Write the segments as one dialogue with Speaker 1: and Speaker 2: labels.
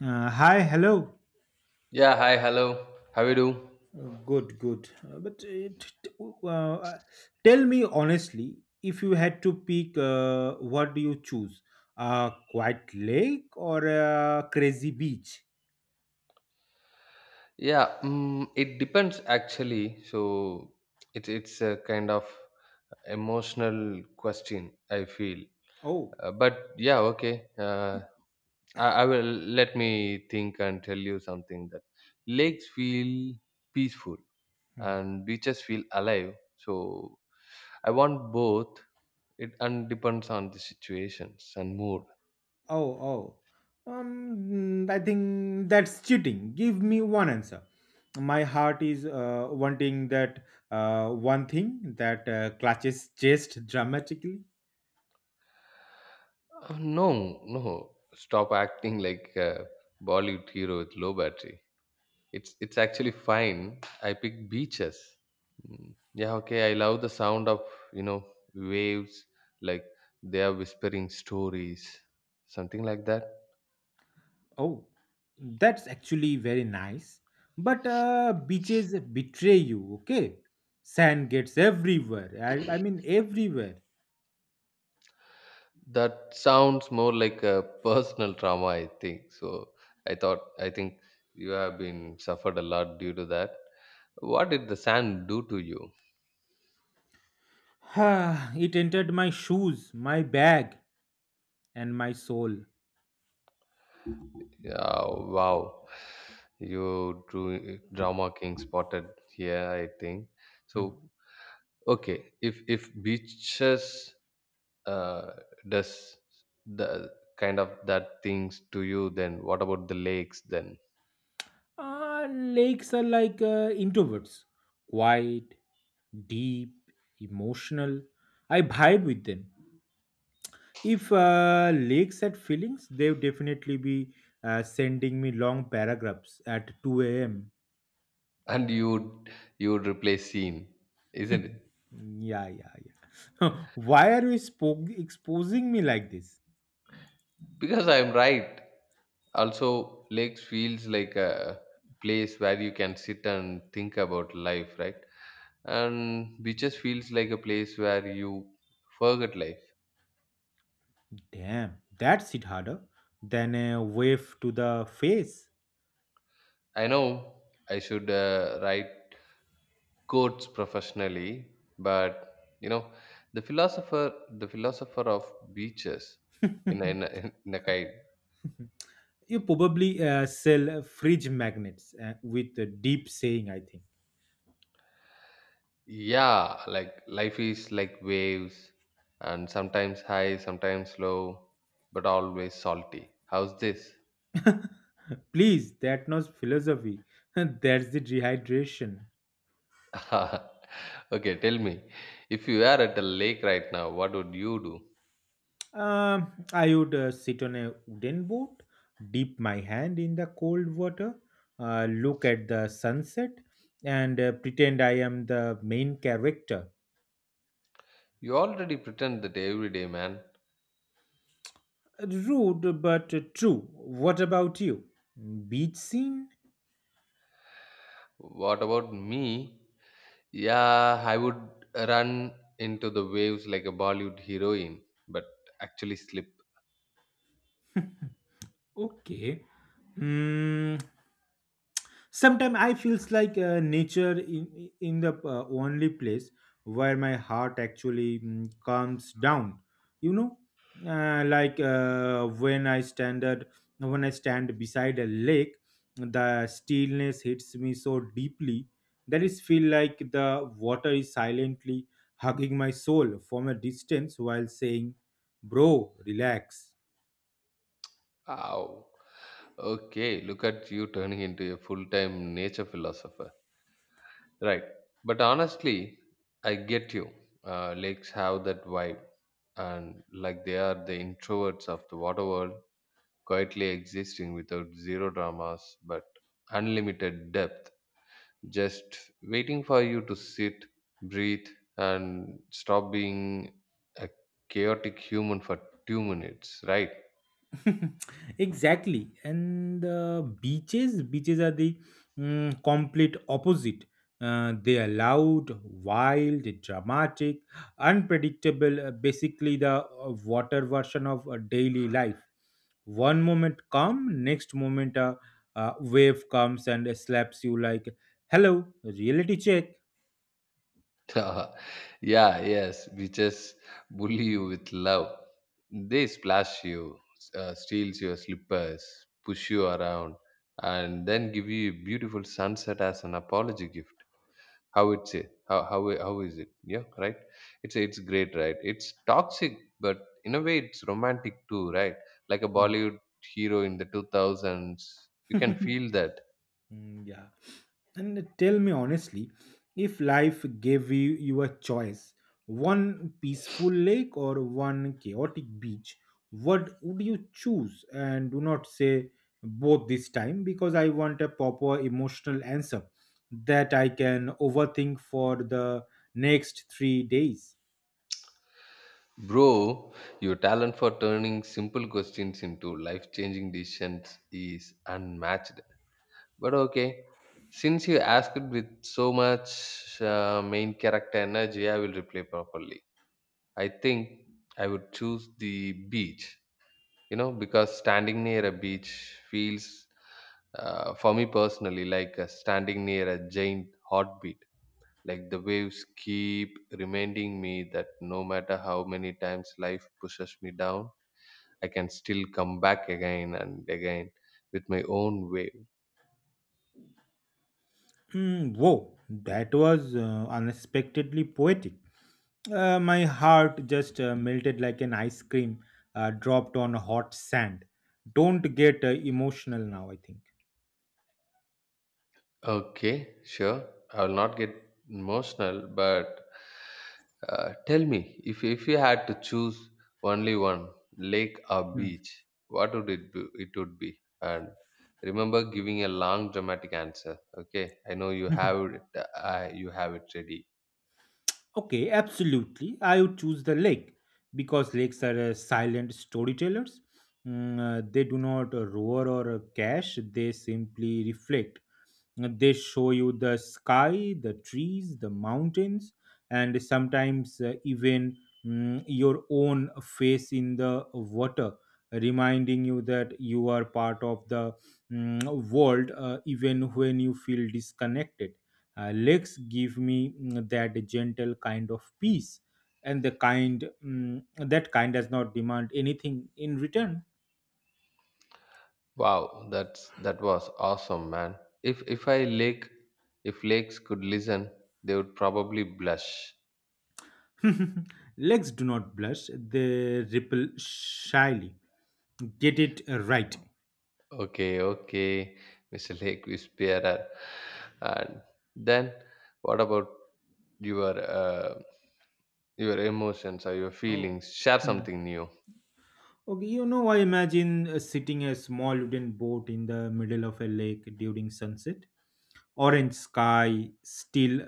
Speaker 1: Hi, hello.
Speaker 2: Yeah, hi, hello. How you do?
Speaker 1: Good, good. But uh, uh, tell me honestly, if you had to pick, what do you choose? A quiet lake or a crazy beach?
Speaker 2: Yeah, it depends actually. So it's a kind of emotional question, I feel.
Speaker 1: Oh,
Speaker 2: But yeah, okay. I will let me think and tell you something that lakes feel peaceful
Speaker 1: hmm.
Speaker 2: and beaches feel alive. So I want both. It and depends on the situations and mood.
Speaker 1: Oh, oh. I think that's cheating. Give me one answer. My heart is wanting that one thing that clutches chest dramatically.
Speaker 2: No, no. Stop acting like a Bollywood hero with low battery. It's actually fine. I pick beaches. Yeah, okay. I love the sound of you know waves, like they are whispering stories, something like that.
Speaker 1: Oh, that's actually very nice. But beaches betray you, okay? Sand gets everywhere. I mean, everywhere.
Speaker 2: That sounds more like a personal trauma, I think. So I think you have been suffered a lot due to that. What did the sand do to you?
Speaker 1: It entered my shoes, my bag, and my soul.
Speaker 2: Yeah, wow. You drew drama king spotted here, I think. So
Speaker 1: Hmm.
Speaker 2: okay, if beaches uh, does the kind of that things to you, then what about the lakes then?
Speaker 1: Lakes are like introverts, quiet, deep, emotional. I vibe with them. If lakes had feelings, they would definitely be sending me long paragraphs at 2 a.m.
Speaker 2: And you would replace scene, isn't it?
Speaker 1: Yeah, yeah, yeah. Why are you exposing me like this?
Speaker 2: Because I'm right. Also, lakes feels like a place where you can sit and think about life, right? And beaches feels like a place where you forget life.
Speaker 1: Damn, that's it harder than a wave to the face.
Speaker 2: I know I should write quotes professionally, but you know the philosopher the philosopher of beaches in a, in a, in a kind.
Speaker 1: You probably sell fridge magnets with a deep saying, I think.
Speaker 2: Yeah, like life is like waves, and sometimes high, sometimes low, but always salty. How's this?
Speaker 1: Please, that's not philosophy. That's the dehydration.
Speaker 2: Okay, tell me, if you were at a lake right now, what would you do?
Speaker 1: I would sit on a wooden boat, dip my hand in the cold water, look at the sunset, and pretend I am the main character.
Speaker 2: You already pretend that every day, man.
Speaker 1: Rude but true. What about you? Beach scene?
Speaker 2: What about me? Yeah, I would run into the waves like a Bollywood heroine, but actually slip.
Speaker 1: Okay. Hmm. Sometimes I feels like nature in the only place where my heart actually calms down, you know, like when I when I stand beside a lake. The stillness hits me so deeply that it feel like the water is silently hugging my soul from a distance while saying, bro, relax.
Speaker 2: Ow. Okay, look at you turning into a full time nature philosopher. Right. But honestly, I get you. Lakes have that vibe, and like they are the introverts of the water world, quietly existing without zero dramas but unlimited depth. Just waiting for you to sit, breathe, and stop being a chaotic human for 2 minutes, right?
Speaker 1: Exactly. And beaches are the complete opposite. They are loud, wild, dramatic, unpredictable, basically the water version of daily life. One moment calm, next moment a wave comes and slaps you like, hello, reality check.
Speaker 2: Yeah, yes, we just bully you with love. They splash you, steals your slippers, push you around, and then give you a beautiful sunset as an apology gift. How it's a- how is it? Yeah, right, it's great, right? It's toxic, but in a way it's romantic too, right? Like a Bollywood hero in the 2000s, you can feel that.
Speaker 1: Mm, yeah. And tell me honestly, if life gave you a choice, one peaceful lake or one chaotic beach, what would you choose? And do not say both this time, because I want a proper emotional answer that I can overthink for the next 3 days.
Speaker 2: Bro, your talent for turning simple questions into life changing decisions is unmatched, but okay, since you asked with so much main character energy, I will reply properly. I think I would choose the beach, you know, because standing near a beach feels, for me personally, like standing near a giant heartbeat, like the waves keep reminding me that no matter how many times life pushes me down, I can still come back again and again with my own wave.
Speaker 1: Hmm, whoa, that was unexpectedly poetic. My heart just melted like an ice cream dropped on hot sand. Don't get emotional now, I think.
Speaker 2: Okay, sure. I will not get emotional, but tell me, if you had to choose only one, lake or beach, what would it be? It would be. And remember giving a long dramatic answer. Okay, I know you
Speaker 1: Hmm.
Speaker 2: have it. You have it ready.
Speaker 1: Okay, absolutely. I would choose the lake because lakes are silent storytellers. They do not roar or cash, they simply reflect. They show you the sky, the trees, the mountains, and sometimes even your own face in the water, reminding you that you are part of the world even when you feel disconnected. Lakes give me that gentle kind of peace, and the kind, that kind does not demand anything in return.
Speaker 2: Wow, that's that was awesome, man. If I lake, if lakes could listen, they would probably blush.
Speaker 1: Legs do not blush, they ripple shyly. Get it right.
Speaker 2: Okay, okay. Mr. Lake Whisperer. And then what about your uh, your emotions or your
Speaker 1: Oh.
Speaker 2: feelings? Share
Speaker 1: Hmm.
Speaker 2: something new.
Speaker 1: Okay, you know, I imagine sitting a small wooden boat in the middle of a lake during sunset. Orange sky, still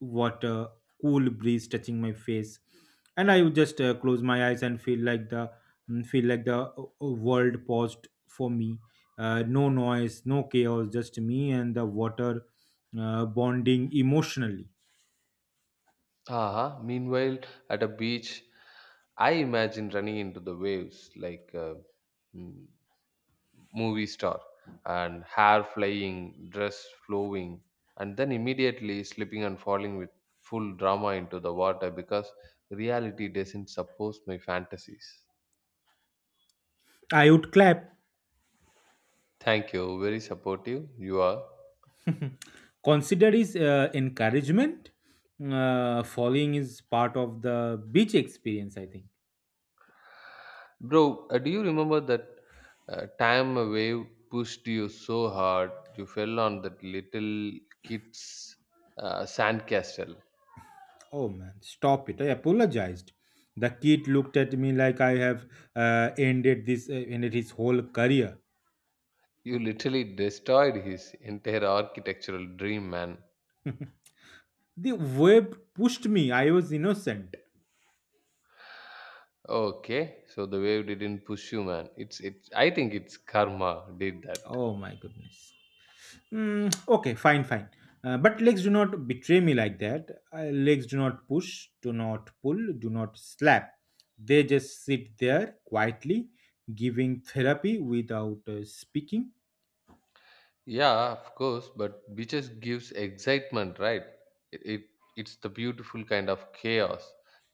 Speaker 1: water, cool breeze touching my face, and I would just close my eyes and feel like the world paused for me. No noise, no chaos, just me and the water bonding emotionally.
Speaker 2: Uh-huh. Meanwhile, at a beach, I imagine running into the waves like a mm, movie star, and hair flying, dress flowing, and then immediately slipping and falling with full drama into the water because reality doesn't support my fantasies.
Speaker 1: I would clap.
Speaker 2: Thank you. Very supportive you are.
Speaker 1: Consider is encouragement. Following is part of the beach experience, I think.
Speaker 2: Bro, do you remember that time a wave pushed you so hard you fell on that little kid's sandcastle?
Speaker 1: Oh man, stop it. I apologized. The kid looked at me like I have ended his whole career.
Speaker 2: You literally destroyed his entire architectural dream, man.
Speaker 1: The wave pushed me. I was innocent.
Speaker 2: Okay, so the wave didn't push you, man. It's it's. I think it's karma did that.
Speaker 1: Oh my goodness. Mm, okay, fine, fine. But legs do not betray me like that. Legs do not push, do not pull, do not slap. They just sit there quietly, giving therapy without speaking.
Speaker 2: Yeah, of course, but beaches gives excitement, right? It, it it's the beautiful kind of chaos.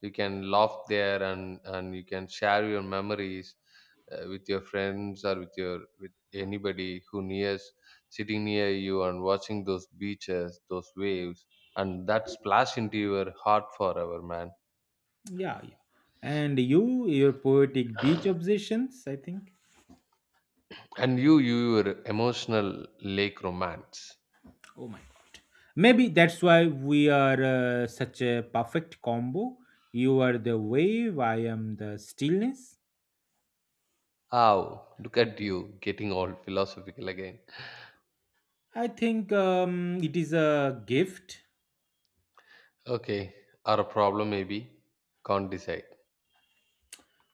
Speaker 2: You can laugh there, and you can share your memories with your friends or with your with anybody who nears sitting near you and watching those beaches, those waves, and that splash into your heart forever, man.
Speaker 1: Yeah, yeah. And you, your poetic beach obsessions, I think.
Speaker 2: And you your emotional lake romance.
Speaker 1: Oh my god. Maybe that's why we are such a perfect combo. You are the wave, I am the stillness.
Speaker 2: Ow, look at you getting all philosophical again.
Speaker 1: I think it is a gift.
Speaker 2: Okay, or a problem maybe. Can't decide.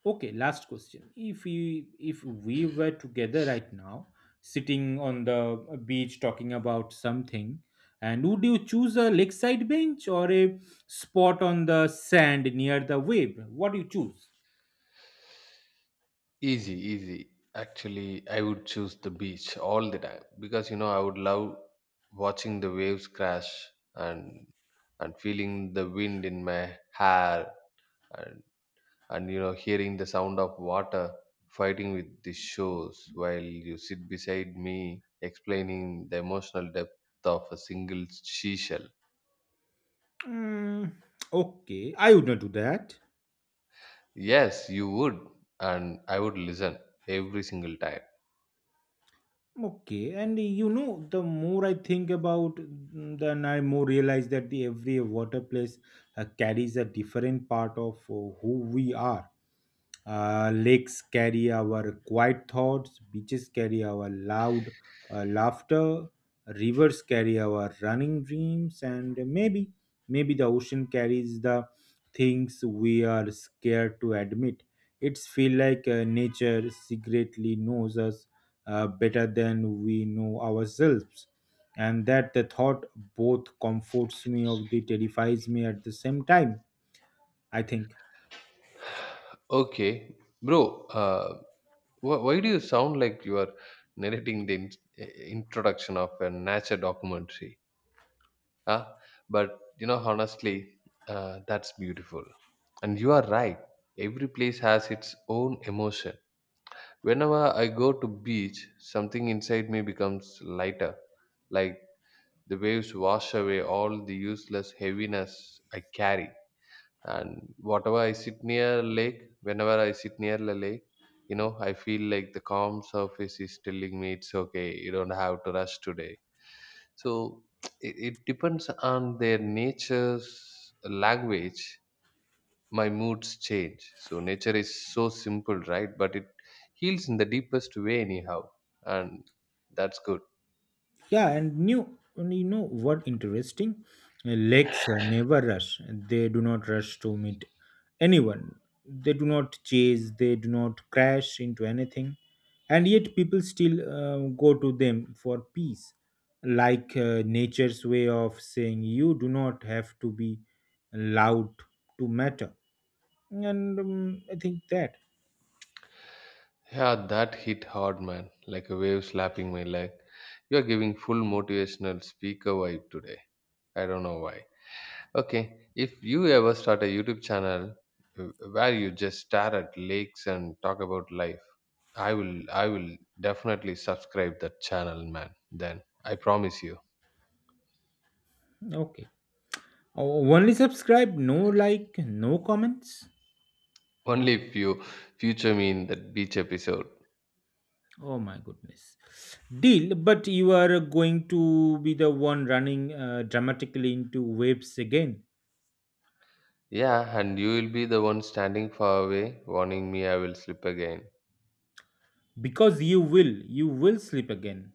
Speaker 1: Okay, last question. If we were together right now, sitting on the beach talking about something, and would you choose a lakeside bench or a spot on the sand near the wave? What do you choose?
Speaker 2: Easy, easy. Actually, I would choose the beach all the time, because you know I would love watching the waves crash, and and feeling the wind in my hair, and and you know, hearing the sound of water fighting with the shores while you sit beside me explaining the emotional depth of a single seashell.
Speaker 1: Mm, okay, I would not do that.
Speaker 2: Yes, you would, and I would listen every single time.
Speaker 1: Okay, and you know, the more I think about, then I more realize that the every water place carries a different part of who we are. Lakes carry our quiet thoughts, beaches carry our loud laughter, rivers carry our running dreams, and maybe, maybe the ocean carries the things we are scared to admit. It's feel like nature secretly knows us better than we know ourselves, and that the thought both comforts me of the terrifies me at the same time. I think.
Speaker 2: Okay, bro. Why do you sound like you are narrating the introduction of a nature documentary? Huh? But you know, honestly, that's beautiful, and you are right. Every place has its own emotion. Whenever I go to beach, something inside me becomes lighter, like the waves wash away all the useless heaviness I carry. And whatever I sit near a lake whenever I sit near the lake, you know, I feel like the calm surface is telling me it's okay, you don't have to rush today. So it depends on their nature's language. My moods change, so nature is so simple, right? But it heals in the deepest way anyhow, and that's good.
Speaker 1: Yeah, and new, and you know what interesting? Lakes never rush. They do not rush to meet anyone. They do not chase. They do not crash into anything. And yet, people still go to them for peace. Like nature's way of saying, you do not have to be loud to matter. And I think that.
Speaker 2: Yeah, that hit hard, man, like a wave slapping my leg. You're giving full motivational speaker vibe today. I don't know why. Okay, if you ever start a YouTube channel where you just stare at lakes and talk about life, I will definitely subscribe that channel, man. Then I promise you.
Speaker 1: Okay. O- Only subscribe, no like, no comments.
Speaker 2: Only if you future me in that beach episode.
Speaker 1: Oh my goodness. Deal, but you are going to be the one running dramatically into waves again
Speaker 2: Yeah, and you will be the one standing far away, warning me I will slip again.
Speaker 1: because you will sleep again.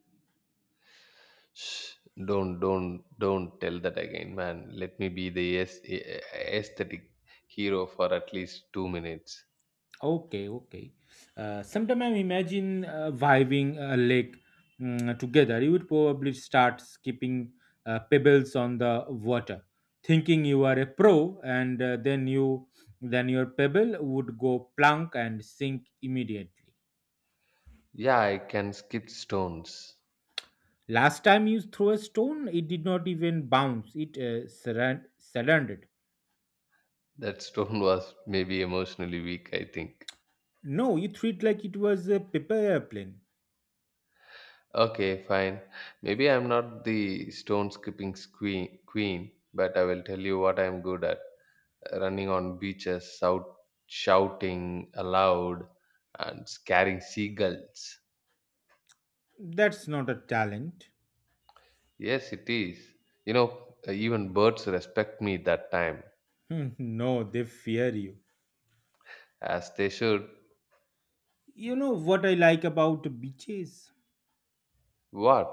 Speaker 2: Shh, don't tell that again, man. Let me be the aesthetic hero for at least 2 minutes.
Speaker 1: Okay, okay. Sometime I imagine vibing a lake, together. You would probably start skipping pebbles on the water, thinking you are a pro, and then you then your pebble would go plunk and sink immediately.
Speaker 2: Yeah, I can skip stones.
Speaker 1: Last time you threw a stone, it did not even bounce. It surrendered.
Speaker 2: That stone was maybe emotionally weak, I think.
Speaker 1: No, you threw it like it was a paper airplane.
Speaker 2: Okay, fine. Maybe I'm not the stone skipping queen, but I will tell you what I'm good at. Running on beaches, shouting aloud, and scaring seagulls.
Speaker 1: That's not a talent.
Speaker 2: Yes, it is. You know, even birds respect me that time,
Speaker 1: Hmm, no, they fear you.
Speaker 2: as they should.
Speaker 1: You know what I like about beaches?
Speaker 2: What?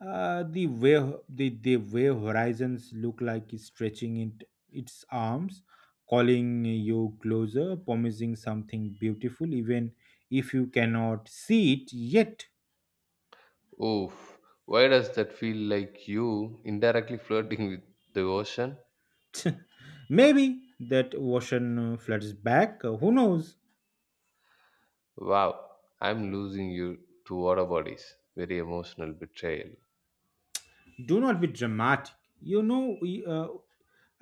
Speaker 1: Uh, the way the way horizons look like is stretching it, its arms, calling you closer, promising something beautiful, even if you cannot see it yet.
Speaker 2: Oof, why does that feel like you indirectly flirting with the ocean?
Speaker 1: Maybe that ocean floods back. Who knows?
Speaker 2: Wow, I'm losing you to water bodies. Very emotional betrayal.
Speaker 1: Do not be dramatic. You know, y- uh,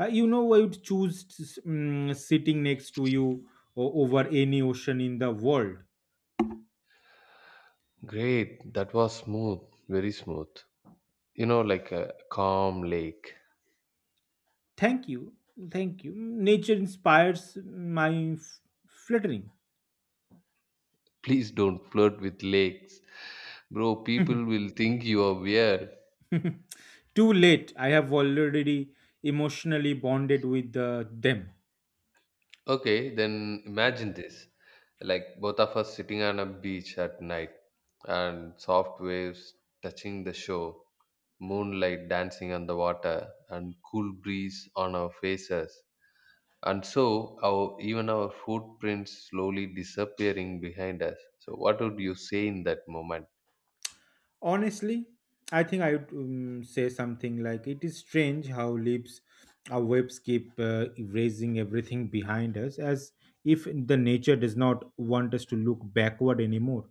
Speaker 1: you know, I would choose to sitting next to you over any ocean in the world.
Speaker 2: Great, that was smooth, very smooth. You know, like a calm lake.
Speaker 1: Thank you, thank you. Mm, nature inspires my fluttering.
Speaker 2: Please don't flirt with lakes. Bro, people will think you are weird.
Speaker 1: Too late. I have already emotionally bonded with them.
Speaker 2: Okay, then imagine this. Like both of us sitting on a beach at night, and soft waves touching the shore, moonlight dancing on the water, and cool breeze on our faces. And so our even our footprints slowly disappearing behind us. So what would you say in that moment?
Speaker 1: Honestly, I think I would say something like it is strange how leaves our webs keep erasing everything behind us as if the nature does not want us to look backward anymore.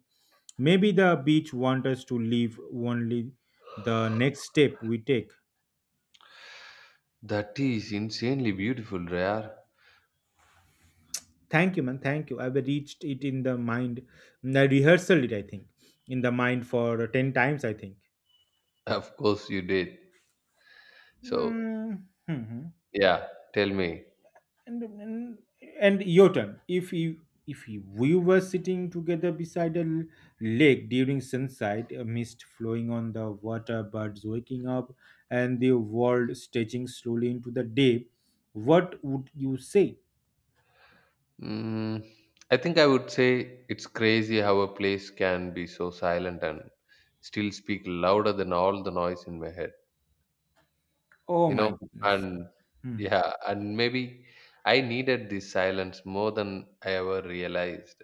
Speaker 1: Maybe the beach wants us to leave only the next step we take.
Speaker 2: That is insanely beautiful, Rare.
Speaker 1: Thank you, man. Thank you. I've reached it in the mind. I rehearsal it, I think, in the mind for 10 times, I think.
Speaker 2: Of course you did. So
Speaker 1: Mm-hmm.
Speaker 2: yeah, tell me.
Speaker 1: and and and your turn. If we were sitting together beside a lake during sunset, a mist flowing on the water, birds waking up, and the world stretching slowly into the day, what would you say?
Speaker 2: Mm, I think I would say it's crazy how a place can be so silent and still speak louder than all the noise in my head,
Speaker 1: Oh
Speaker 2: you
Speaker 1: my
Speaker 2: know?
Speaker 1: goodness.
Speaker 2: And
Speaker 1: Hmm.
Speaker 2: yeah, and maybe I needed this silence more than I ever realized.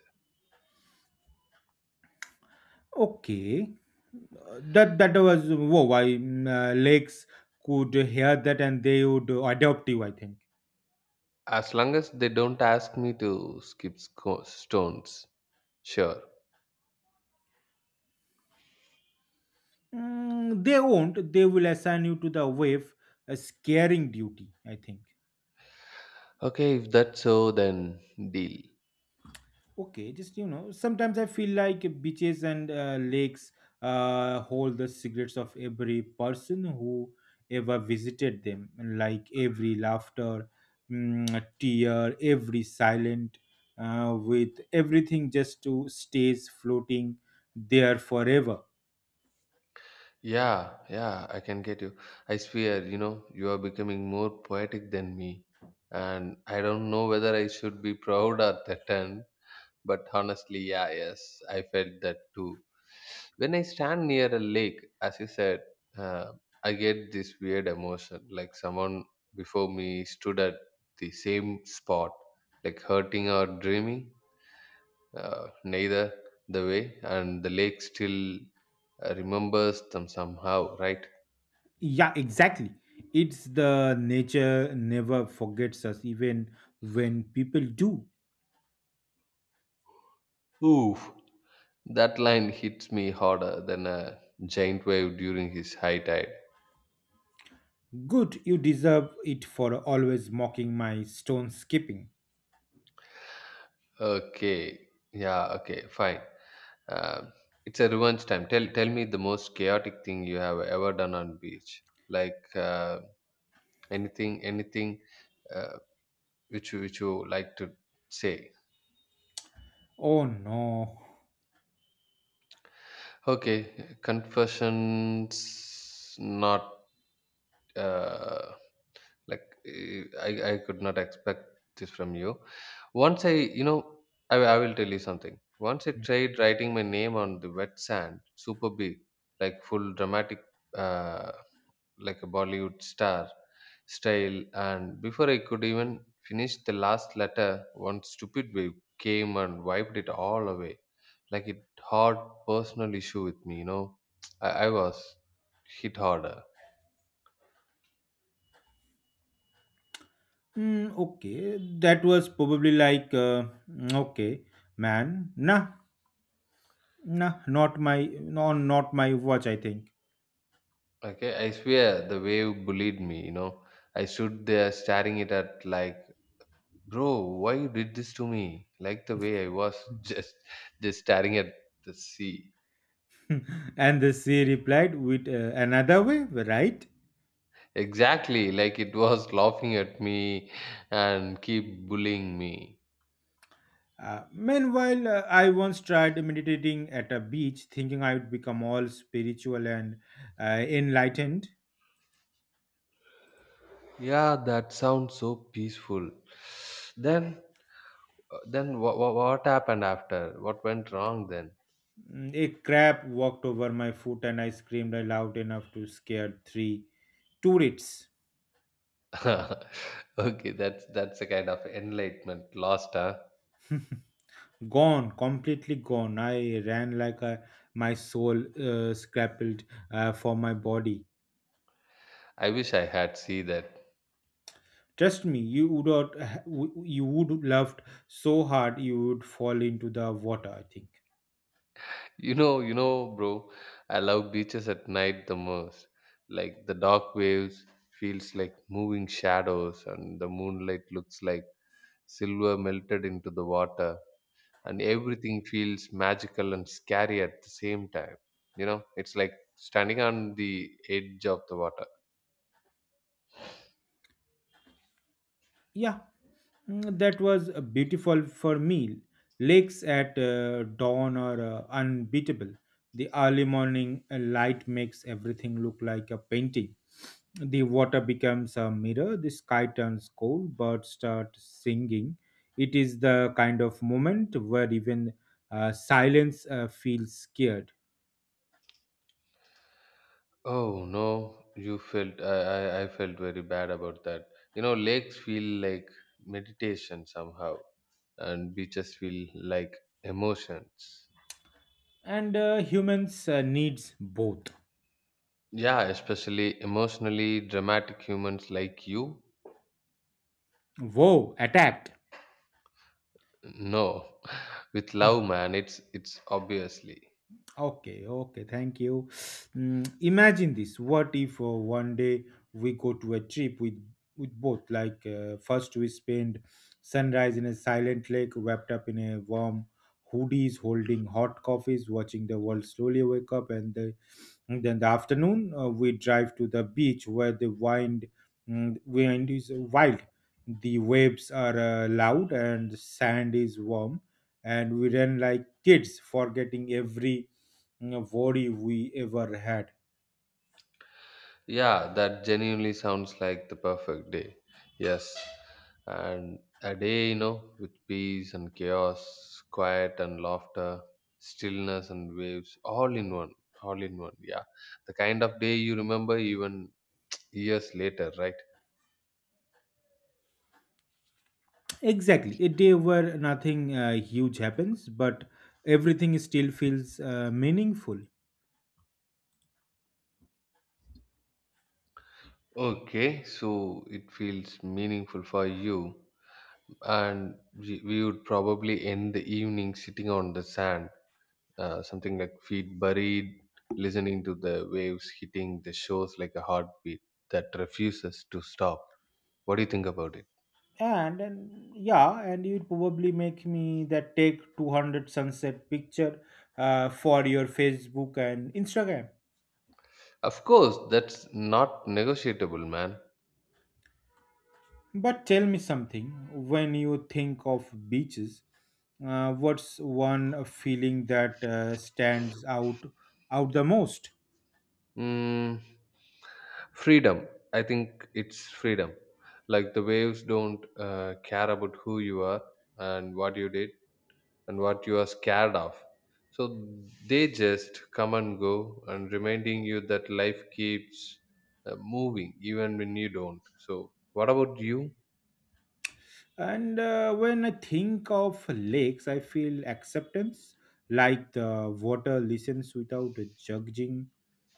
Speaker 1: Okay. That was whoa, why lakes could hear that and they would adopt you, I think.
Speaker 2: As long as they don't ask me to skip stones, sure.
Speaker 1: Mm, they won't. They will assign you to the wave a scaring duty, I think.
Speaker 2: Okay, if that's so, then deal.
Speaker 1: Okay, just you know, sometimes I feel like beaches and lakes hold the secrets of every person who ever visited them, like every laughter, tear, every silent, with everything just to stays floating there forever.
Speaker 2: Yeah, yeah, I can get you. I swear, you know, you are becoming more poetic than me. And I don't know whether I should be proud or threatened, but honestly, yeah, yes, I felt that too. When I stand near a lake, as you said, uh, I get this weird emotion, like someone before me stood at the same spot, like hurting or dreaming, neither the way, and the lake still remembers them somehow, right?
Speaker 1: Yeah, exactly. It's the nature never forgets us, even when people do.
Speaker 2: Oof, that line hits me harder than a giant wave during his high tide.
Speaker 1: Good, you deserve it for always mocking my stone skipping.
Speaker 2: Okay, yeah, okay, fine. Um, it's a revenge time. Tell me the most chaotic thing you have ever done on beach. Like anything, anything uh, which you like to say.
Speaker 1: Oh no.
Speaker 2: Okay, confessions not. Uh, like I could not expect this from you. Once I I will tell you something. Once I tried writing my name on the wet sand, super big, like full dramatic, uh, like a Bollywood star style, and before I could even finish the last letter, one stupid wave came and wiped it all away, like it hard personal issue with me, you know. I was hit harder.
Speaker 1: Hmm, okay, that was probably like, okay, man, nah, nah, not my, no, not my watch, I think.
Speaker 2: Okay, I swear the wave bullied me, you know. I stood there staring it at like, bro, why you did this to me? Like the way I was just just staring at the sea.
Speaker 1: And the sea replied with another way, right?
Speaker 2: Exactly, like it was laughing at me and keep bullying me.
Speaker 1: Meanwhile, I once tried meditating at a beach, thinking I would become all spiritual and enlightened.
Speaker 2: Yeah, that sounds so peaceful. Then what happened after? What went wrong then?
Speaker 1: Mm, a crab walked over my foot, and I screamed loud enough to scare three tourists.
Speaker 2: Okay, that's a kind of enlightenment lost, huh?
Speaker 1: Gone, completely gone. I ran like a, My soul scrappled for my body.
Speaker 2: I wish I had see that.
Speaker 1: Trust me, you would not, you would loved so hard you would fall into the water. I think.
Speaker 2: Bro, I love beaches at night the most. Like the dark waves feels like moving shadows and the moonlight looks like silver melted into the water, and everything feels magical and scary at the same time. You know, it's like standing on the edge of the water.
Speaker 1: Yeah. Mm, that was beautiful for me. Lakes at dawn are unbeatable. The early morning light makes everything look like a painting. The water becomes a mirror, the sky turns cold, birds start singing. It is the kind of moment where even silence feels scared.
Speaker 2: Oh no, you felt I felt very bad about that. You know, lakes feel like meditation somehow and beaches feel like emotions.
Speaker 1: And humans needs both.
Speaker 2: Yeah, especially emotionally dramatic humans like you.
Speaker 1: Whoa, attacked.
Speaker 2: No, with love, man, it's obviously.
Speaker 1: Okay, okay, thank you. Mm, imagine this. What if one day we go to a trip with both? Like first we spend sunrise in a silent lake, wrapped up in a warm hoodies, holding hot coffees, watching the world slowly wake up, and then the afternoon we drive to the beach where the wind is wild, the waves are loud, and sand is warm, and we run like kids, forgetting every worry we ever had.
Speaker 2: Yeah, that genuinely sounds like the perfect day. Yes, and a day, you know, with peace and chaos, quiet and laughter, stillness and waves, all in one, all in one. Yeah, the kind of day you remember even years later, right?
Speaker 1: Exactly, a day where nothing huge happens, but everything still feels meaningful.
Speaker 2: Okay, so it feels meaningful for you. And we would probably end the evening sitting on the sand, something like feet buried, listening to the waves hitting the shores like a heartbeat that refuses to stop. What do you think about it?
Speaker 1: And yeah, and you'd probably make me that take 200 sunset picture for your Facebook and Instagram.
Speaker 2: Of course, that's not negotiable, man.
Speaker 1: But tell me something, when you think of beaches, what's one feeling that stands out the most?
Speaker 2: Mm, freedom. I think it's freedom. Like the waves don't care about who you are and what you did, and what you are scared of. So they just come and go and reminding you that life keeps moving even when you don't. So, what about you?
Speaker 1: And when I think of lakes, I feel acceptance, like the water listens without judging.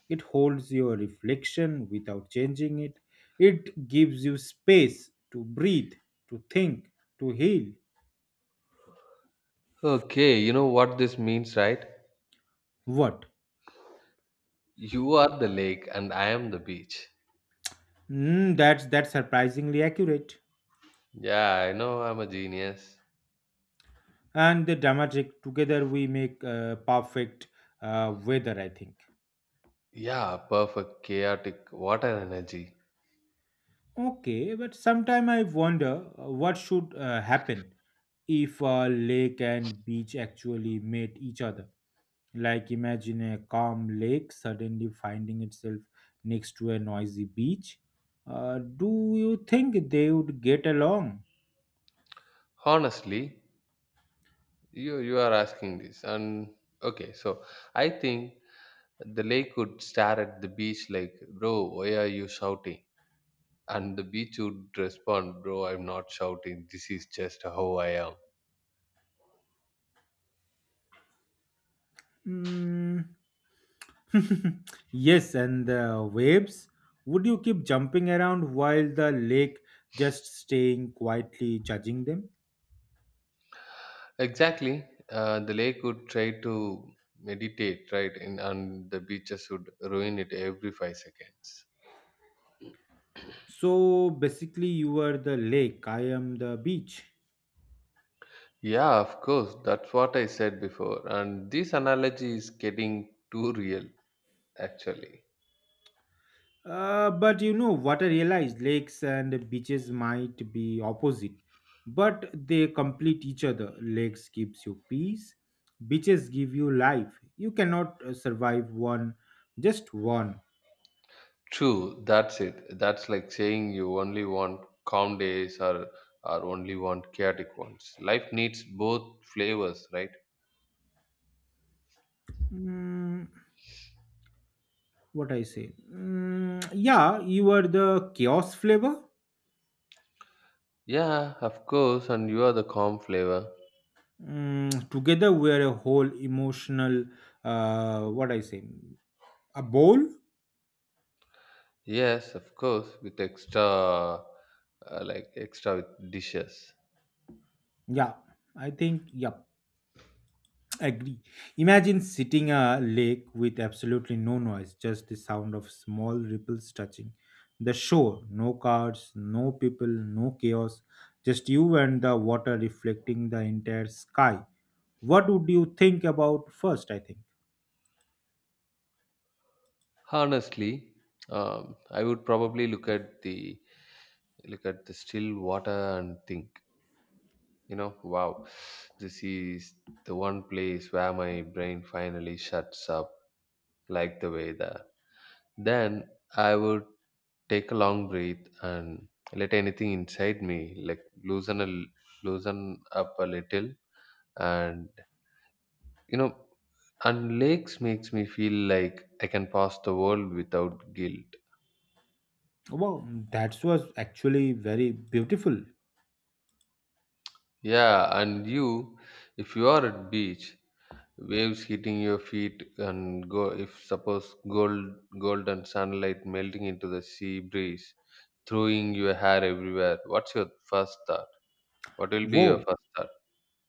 Speaker 1: It holds your reflection without changing it. It gives you space to breathe, to think, to heal.
Speaker 2: Okay, you know what this means, right?
Speaker 1: What?
Speaker 2: You are the lake and I am the beach.
Speaker 1: That's surprisingly accurate.
Speaker 2: Yeah, I know I'm a genius.
Speaker 1: And the dramatic together we make perfect weather. I think.
Speaker 2: Yeah, perfect, chaotic. What an energy.
Speaker 1: Okay, but sometime I wonder what should happen if a lake and beach actually met each other. Like imagine a calm lake suddenly finding itself next to a noisy beach. Do you think they would get along?
Speaker 2: Honestly, you are asking this, and okay, so I think the lake could stare at the beach like, bro, why are you shouting? And the beach would respond, "Bro, I'm not shouting. This is just how I am."
Speaker 1: Mm. Yes, and the waves. Would you keep jumping around while the lake just staying quietly judging them?
Speaker 2: Exactly. The lake would try to meditate, right? And the beaches would ruin it every 5 seconds.
Speaker 1: So basically, you are the lake, I am the beach.
Speaker 2: Yeah, of course. That's what I said before. And this analogy is getting too real, actually.
Speaker 1: But you know what, I realized lakes and beaches might be opposite, but they complete each other. Lakes gives you peace, beaches give you life. You cannot survive one, just one.
Speaker 2: True, that's it. That's like saying you only want calm days, or only want chaotic ones. Life needs both flavors, right?
Speaker 1: Mm, what I say? Mm, yeah, you are the chaos flavor.
Speaker 2: Yeah, of course, and you are the calm flavor.
Speaker 1: Mm, together we are a whole emotional. What I say? A bowl.
Speaker 2: Yes, of course, with extra, like extra with dishes.
Speaker 1: Yeah, I think. Yep. Agree. Imagine sitting a lake with absolutely no noise, just the sound of small ripples touching the shore. No cars, no people, no chaos, just you and the water reflecting the entire sky. What would you think about first? I think.
Speaker 2: Honestly, I would probably look at the still water and think, you know, wow, this is the one place where my brain finally shuts up, like the weather. Then I would take a long breath and let anything inside me, like loosen up a little and, you know, and lakes makes me feel like I can pass the world without guilt.
Speaker 1: Wow, that was actually very beautiful.
Speaker 2: Yeah, and you, if you are at beach, waves hitting your feet and go if suppose golden sunlight melting into the sea breeze throwing your hair everywhere, what's your first thought? what will be your
Speaker 1: Wow,
Speaker 2: first thought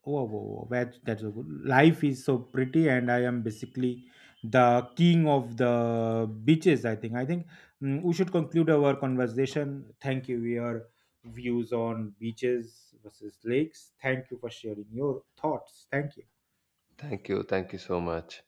Speaker 1: oh, oh, oh, that, that's so good. Life is so pretty, and I am basically the king of the beaches. I think. I think we should conclude our conversation. Thank you. Your views on beaches versus lakes. Thank you for sharing your thoughts. Thank you.
Speaker 2: Thank you, thank you so much.